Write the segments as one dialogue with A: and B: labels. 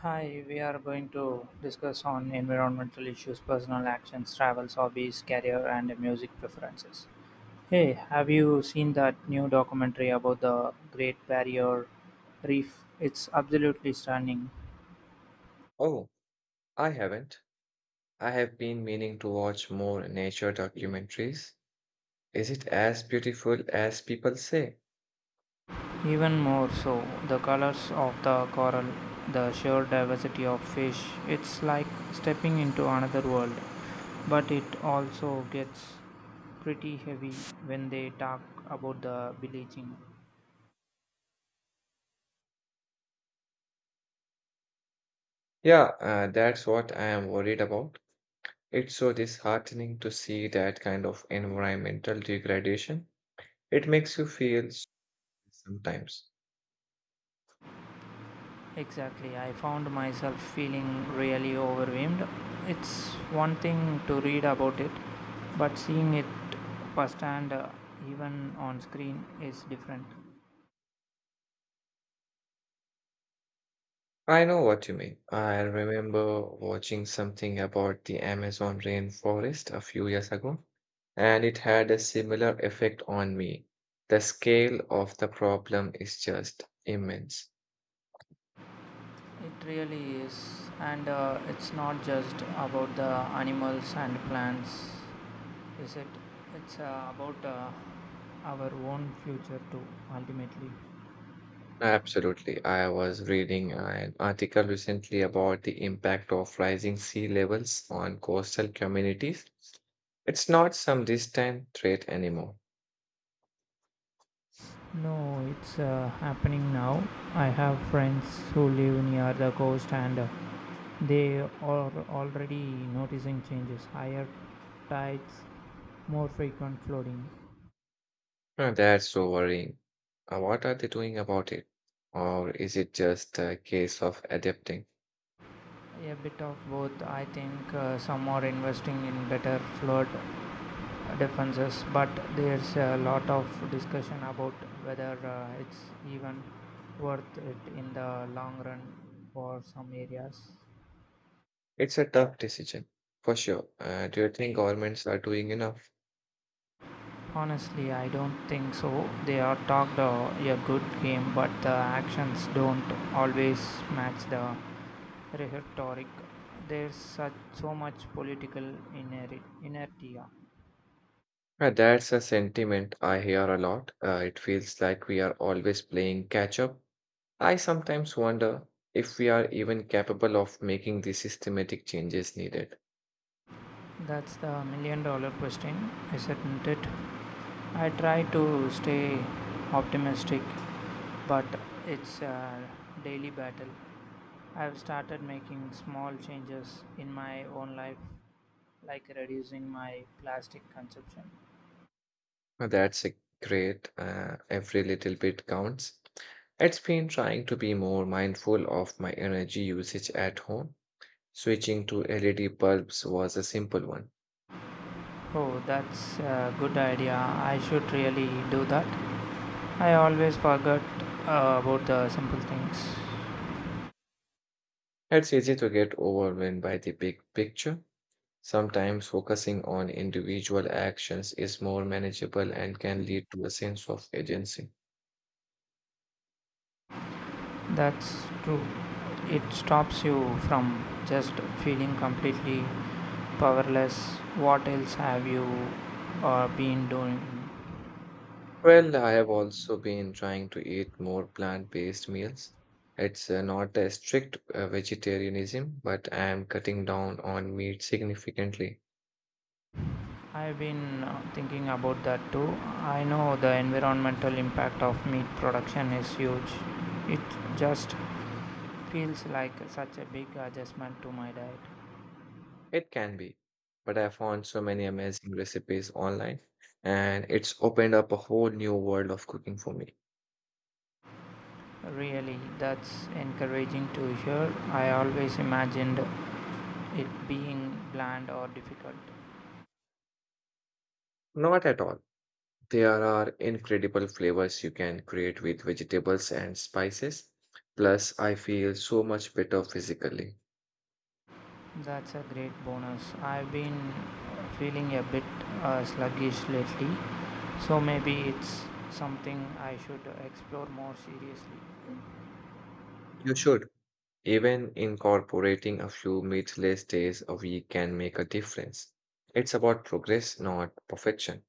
A: Hi, we are going to discuss on environmental issues, personal actions, travels, hobbies, career, and music preferences. Hey, have you seen that new documentary about the Great Barrier Reef? It's absolutely stunning.
B: Oh, I haven't. I have been meaning to watch more nature documentaries. Is it as beautiful as people say?
A: Even more so, the colors of the coral, the sheer diversity of fish, it's like stepping into another world. But it also gets pretty heavy when they talk about the bleaching.
B: Yeah, that's what I am worried about. It's so disheartening to see that kind of environmental degradation. It makes you sometimes.
A: Exactly. I found myself feeling really overwhelmed. It's one thing to read about it, but seeing it firsthand, even on screen, is different.
B: I know what you mean. I remember watching something about the Amazon rainforest a few years ago, and it had a similar effect on me. The scale of the problem is just immense.
A: It really is. And it's not just about the animals and plants, is it? It's about our own future too, ultimately.
B: Absolutely. I was reading an article recently about the impact of rising sea levels on coastal communities. It's not some distant threat anymore.
A: No, it's happening now. I have friends who live near the coast and they are already noticing changes, higher tides, more frequent flooding.
B: That's so worrying. What are they doing about it? Or is it just a case of adapting?
A: A bit of both. I think some are investing in better flood defenses, but there's a lot of discussion about whether it's even worth it in the long run for some areas.
B: It's a tough decision, for sure. Do you think governments are doing enough?
A: Honestly, I don't think so. They are talked a good game, but the actions don't always match the rhetoric. There's such so much political inertia.
B: Yeah, that's a sentiment I hear a lot. It feels like we are always playing catch up. I sometimes wonder if we are even capable of making the systematic changes needed.
A: That's the million-dollar question, isn't it? I try to stay optimistic, but it's a daily battle. I've started making small changes in my own life, like reducing my plastic consumption.
B: That's a great, every little bit counts. It's been trying to be more mindful of my energy usage at home. Switching to LED bulbs was a simple one.
A: Oh, that's a good idea. I should really do that. I always forget about the simple things.
B: It's easy to get overwhelmed by the big picture. Sometimes focusing on individual actions is more manageable and can lead to a sense of agency.
A: That's true. It stops you from just feeling completely powerless. What else have you been doing?
B: Well, I have also been trying to eat more plant-based meals. It's not a strict vegetarianism, but I am cutting down on meat significantly.
A: I've been thinking about that too. I know the environmental impact of meat production is huge. It just feels like such a big adjustment to my diet.
B: It can be, but I found so many amazing recipes online, and it's opened up a whole new world of cooking for me.
A: Really, that's encouraging to hear. I always imagined it being bland or difficult.
B: Not at all. There are incredible flavors you can create with vegetables and spices. Plus, I feel so much better physically.
A: That's a great bonus. I've been feeling a bit sluggish lately, so maybe it's something I should explore more seriously.
B: You should. Even incorporating a few meatless days a week can make a difference. It's about progress, not perfection.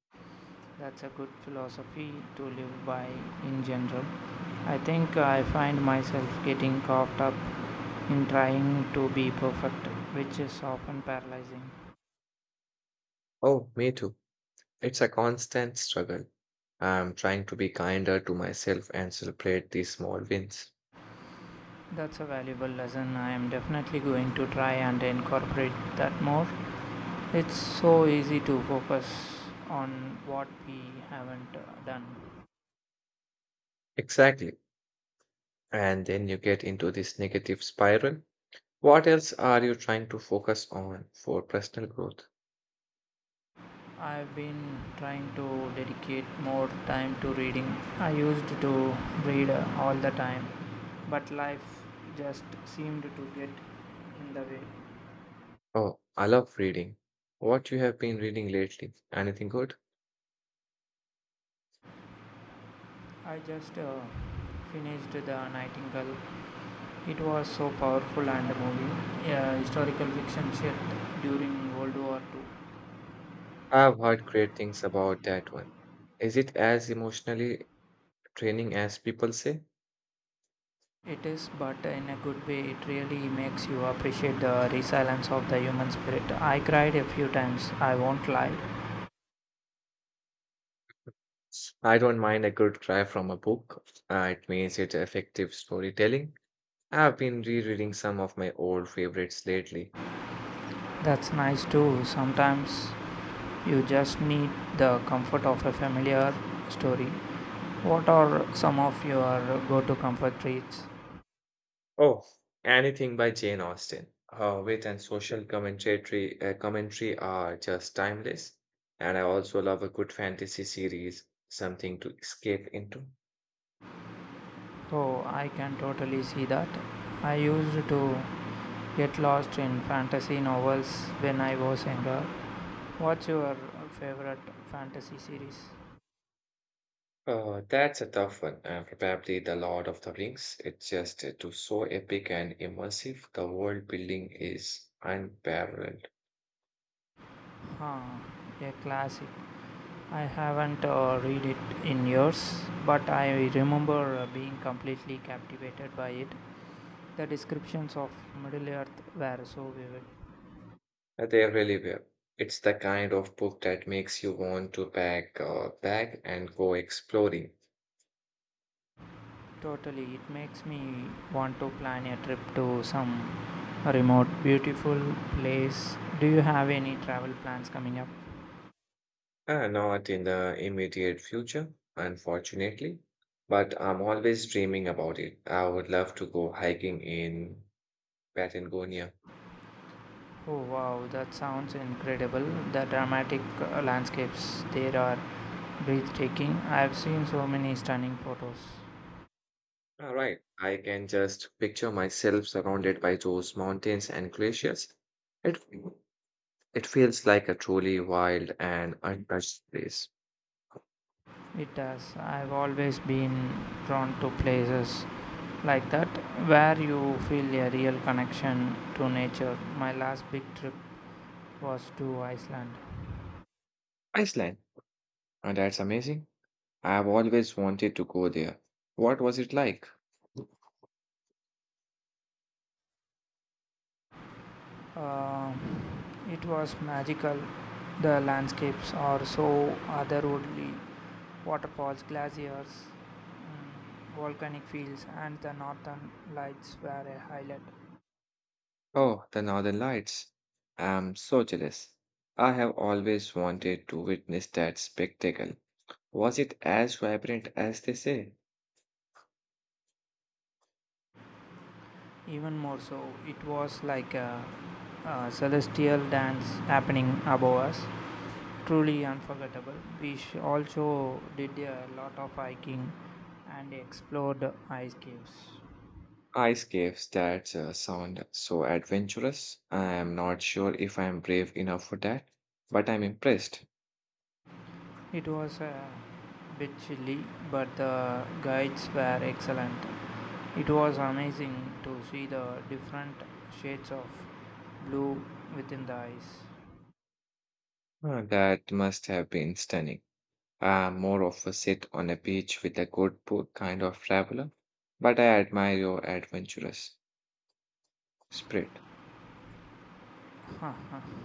A: That's a good philosophy to live by in general. I think I find myself getting caught up in trying to be perfect, which is often paralyzing.
B: Oh, me too. It's a constant struggle. I'm trying to be kinder to myself and celebrate these small wins.
A: That's a valuable lesson. I am definitely going to try and incorporate that more. It's so easy to focus on what we haven't done.
B: Exactly. And then you get into this negative spiral. What else are you trying to focus on for personal growth?
A: I've been trying to dedicate more time to reading. I used to read all the time, but life just seemed to get in the way.
B: Oh, I love reading. What you have been reading lately? Anything good?
A: I just finished The Nightingale. It was so powerful and moving. A historical fiction set during World War II.
B: I've heard great things about that one. Is it as emotionally draining as people say?
A: It is, but in a good way, it really makes you appreciate the resilience of the human spirit. I cried a few times, I won't lie.
B: I don't mind a good cry from a book. It means it's effective storytelling. I've been rereading some of my old favorites lately.
A: That's nice too. Sometimes you just need the comfort of a familiar story. What are some of your go to comfort reads?
B: Oh, anything by Jane Austen. Her wit and social commentary are just timeless. And I also love a good fantasy series, something to escape into.
A: Oh, I can totally see that. I used to get lost in fantasy novels when I was younger. What's your favorite fantasy series?
B: That's a tough one. Probably The Lord of the Rings. It's just too so epic and immersive. The world building is unparalleled.
A: Huh, a classic. I haven't read it in years, but I remember being completely captivated by it. The descriptions of Middle Earth were so vivid.
B: They really were. It's the kind of book that makes you want to pack a bag and go exploring.
A: Totally, it makes me want to plan a trip to some remote, beautiful place. Do you have any travel plans coming up?
B: Not in the immediate future, unfortunately, but I'm always dreaming about it. I would love to go hiking in Patagonia.
A: Oh wow, that sounds incredible. The dramatic landscapes there are breathtaking. I've seen so many stunning photos.
B: All right, I can just picture myself surrounded by those mountains and glaciers. It it feels like a truly wild and untouched place.
A: It does. I've always been drawn to places like that where you feel a real connection to nature. My last big trip was to Iceland.
B: Iceland, and that's amazing. I've always wanted to go there. What was it like?
A: Uh, it was magical. The landscapes are so otherworldly waterfalls, glaciers, volcanic fields, and the northern lights were a highlight.
B: Oh, the Northern Lights. I'm so jealous. I have always wanted to witness that spectacle. Was it as vibrant as they say?
A: Even more so, it was like a celestial dance happening above us. Truly unforgettable. Also did a lot of hiking and explored ice caves.
B: Ice caves that sound so adventurous. I am not sure if I am brave enough for that, but I'm impressed.
A: It was a bit chilly, but the guides were excellent. It was amazing to see the different shades of blue within the ice.
B: That must have been stunning. I'm more of a sit on a beach with a good book kind of traveler, but I admire your adventurous spirit.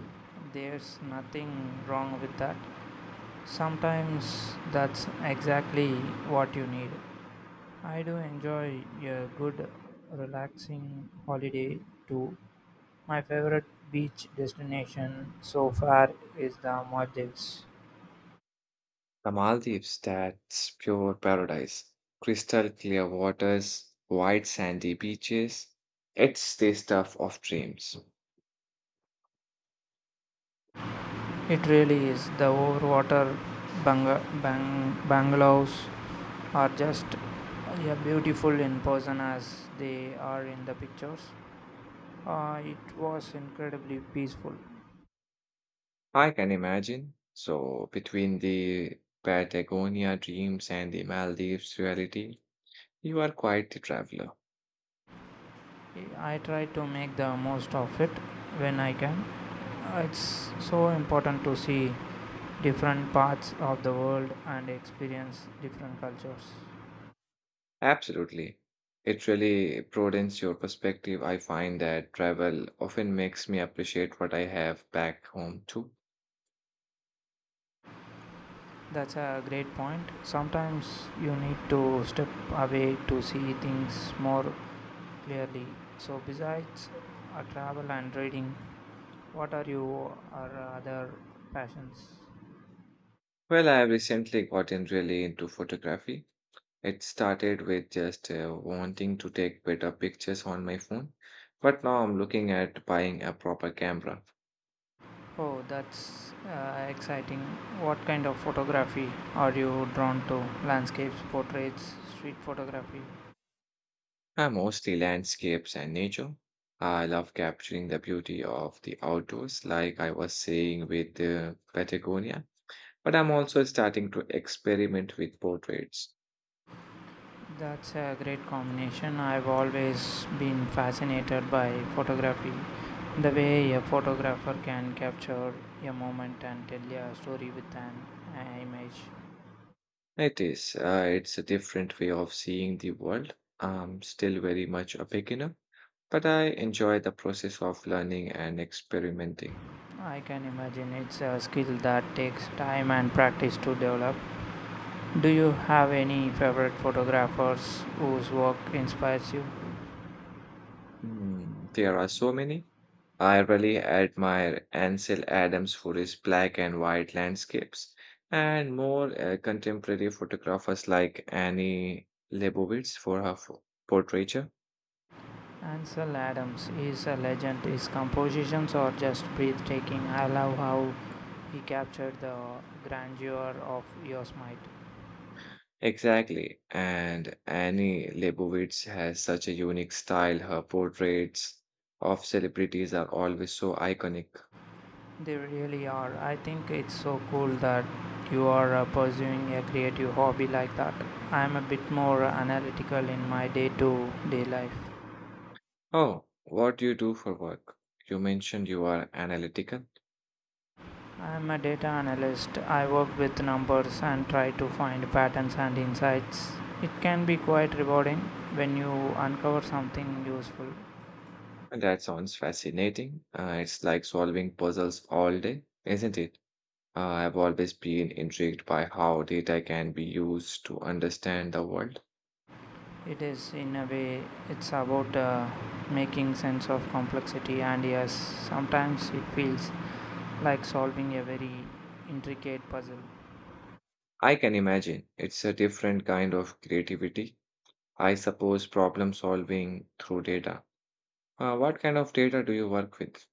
A: There's nothing wrong with that. Sometimes that's exactly what you need. I do enjoy a good, relaxing holiday too. My favorite beach destination so far is the Maldives.
B: The Maldives, that's pure paradise. Crystal clear waters, white sandy beaches. It's the stuff of dreams.
A: It really is. The overwater bungalows are just yeah, beautiful in person as they are in the pictures. It was incredibly peaceful.
B: I can imagine. So, between the Patagonia dreams and the Maldives reality, you are quite the traveler.
A: I try to make the most of it when I can. It's so important to see different parts of the world and experience different cultures.
B: Absolutely. It really broadens your perspective. I find that travel often makes me appreciate what I have back home too.
A: That's a great point. Sometimes you need to step away to see things more clearly. So, besides travel and reading, what are your or other passions?
B: Well, I have recently gotten really into photography. It started with just wanting to take better pictures on my phone, but now I'm looking at buying a proper camera.
A: Oh, that's exciting. What kind of photography are you drawn to? Landscapes, portraits, street photography?
B: I mostly landscapes and nature. I love capturing the beauty of the outdoors, like I was saying with Patagonia. But I'm also starting to experiment with portraits.
A: That's a great combination. I've always been fascinated by photography. The way a photographer can capture a moment and tell a story with an image.
B: It's a different way of seeing the world. I'm still very much a beginner, but I enjoy the process of learning and experimenting.
A: I can imagine it's a skill that takes time and practice to develop. Do you have any favorite photographers whose work inspires you?
B: Hmm, there are so many. I really admire Ansel Adams for his black and white landscapes, and more contemporary photographers like Annie Leibovitz for her portraiture.
A: Ansel Adams is a legend. His compositions are just breathtaking. I love how he captured the grandeur of Yosemite.
B: Exactly, and Annie Leibovitz has such a unique style. Her portraits of celebrities are always so iconic.
A: They really are. I think it's so cool that you are pursuing a creative hobby like that. I'm a bit more analytical in my day to day life.
B: Oh, what do you do for work? You mentioned you are analytical.
A: I'm a data analyst. I work with numbers and try to find patterns and insights. It can be quite rewarding when you uncover something useful.
B: That sounds fascinating. It's like solving puzzles all day, isn't it? I've always been intrigued by how data can be used to understand the world.
A: It is, in a way, it's about making sense of complexity, and yes, sometimes it feels like solving a very intricate puzzle.
B: I can imagine it's a different kind of creativity. I suppose problem solving through data. What kind of data do you work with?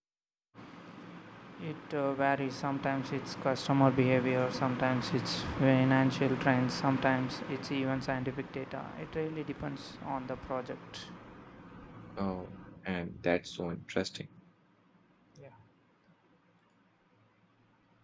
A: It varies. Sometimes it's customer behavior, sometimes it's financial trends, sometimes it's even scientific data. It really depends on the project.
B: Oh, and that's so interesting.
A: Yeah.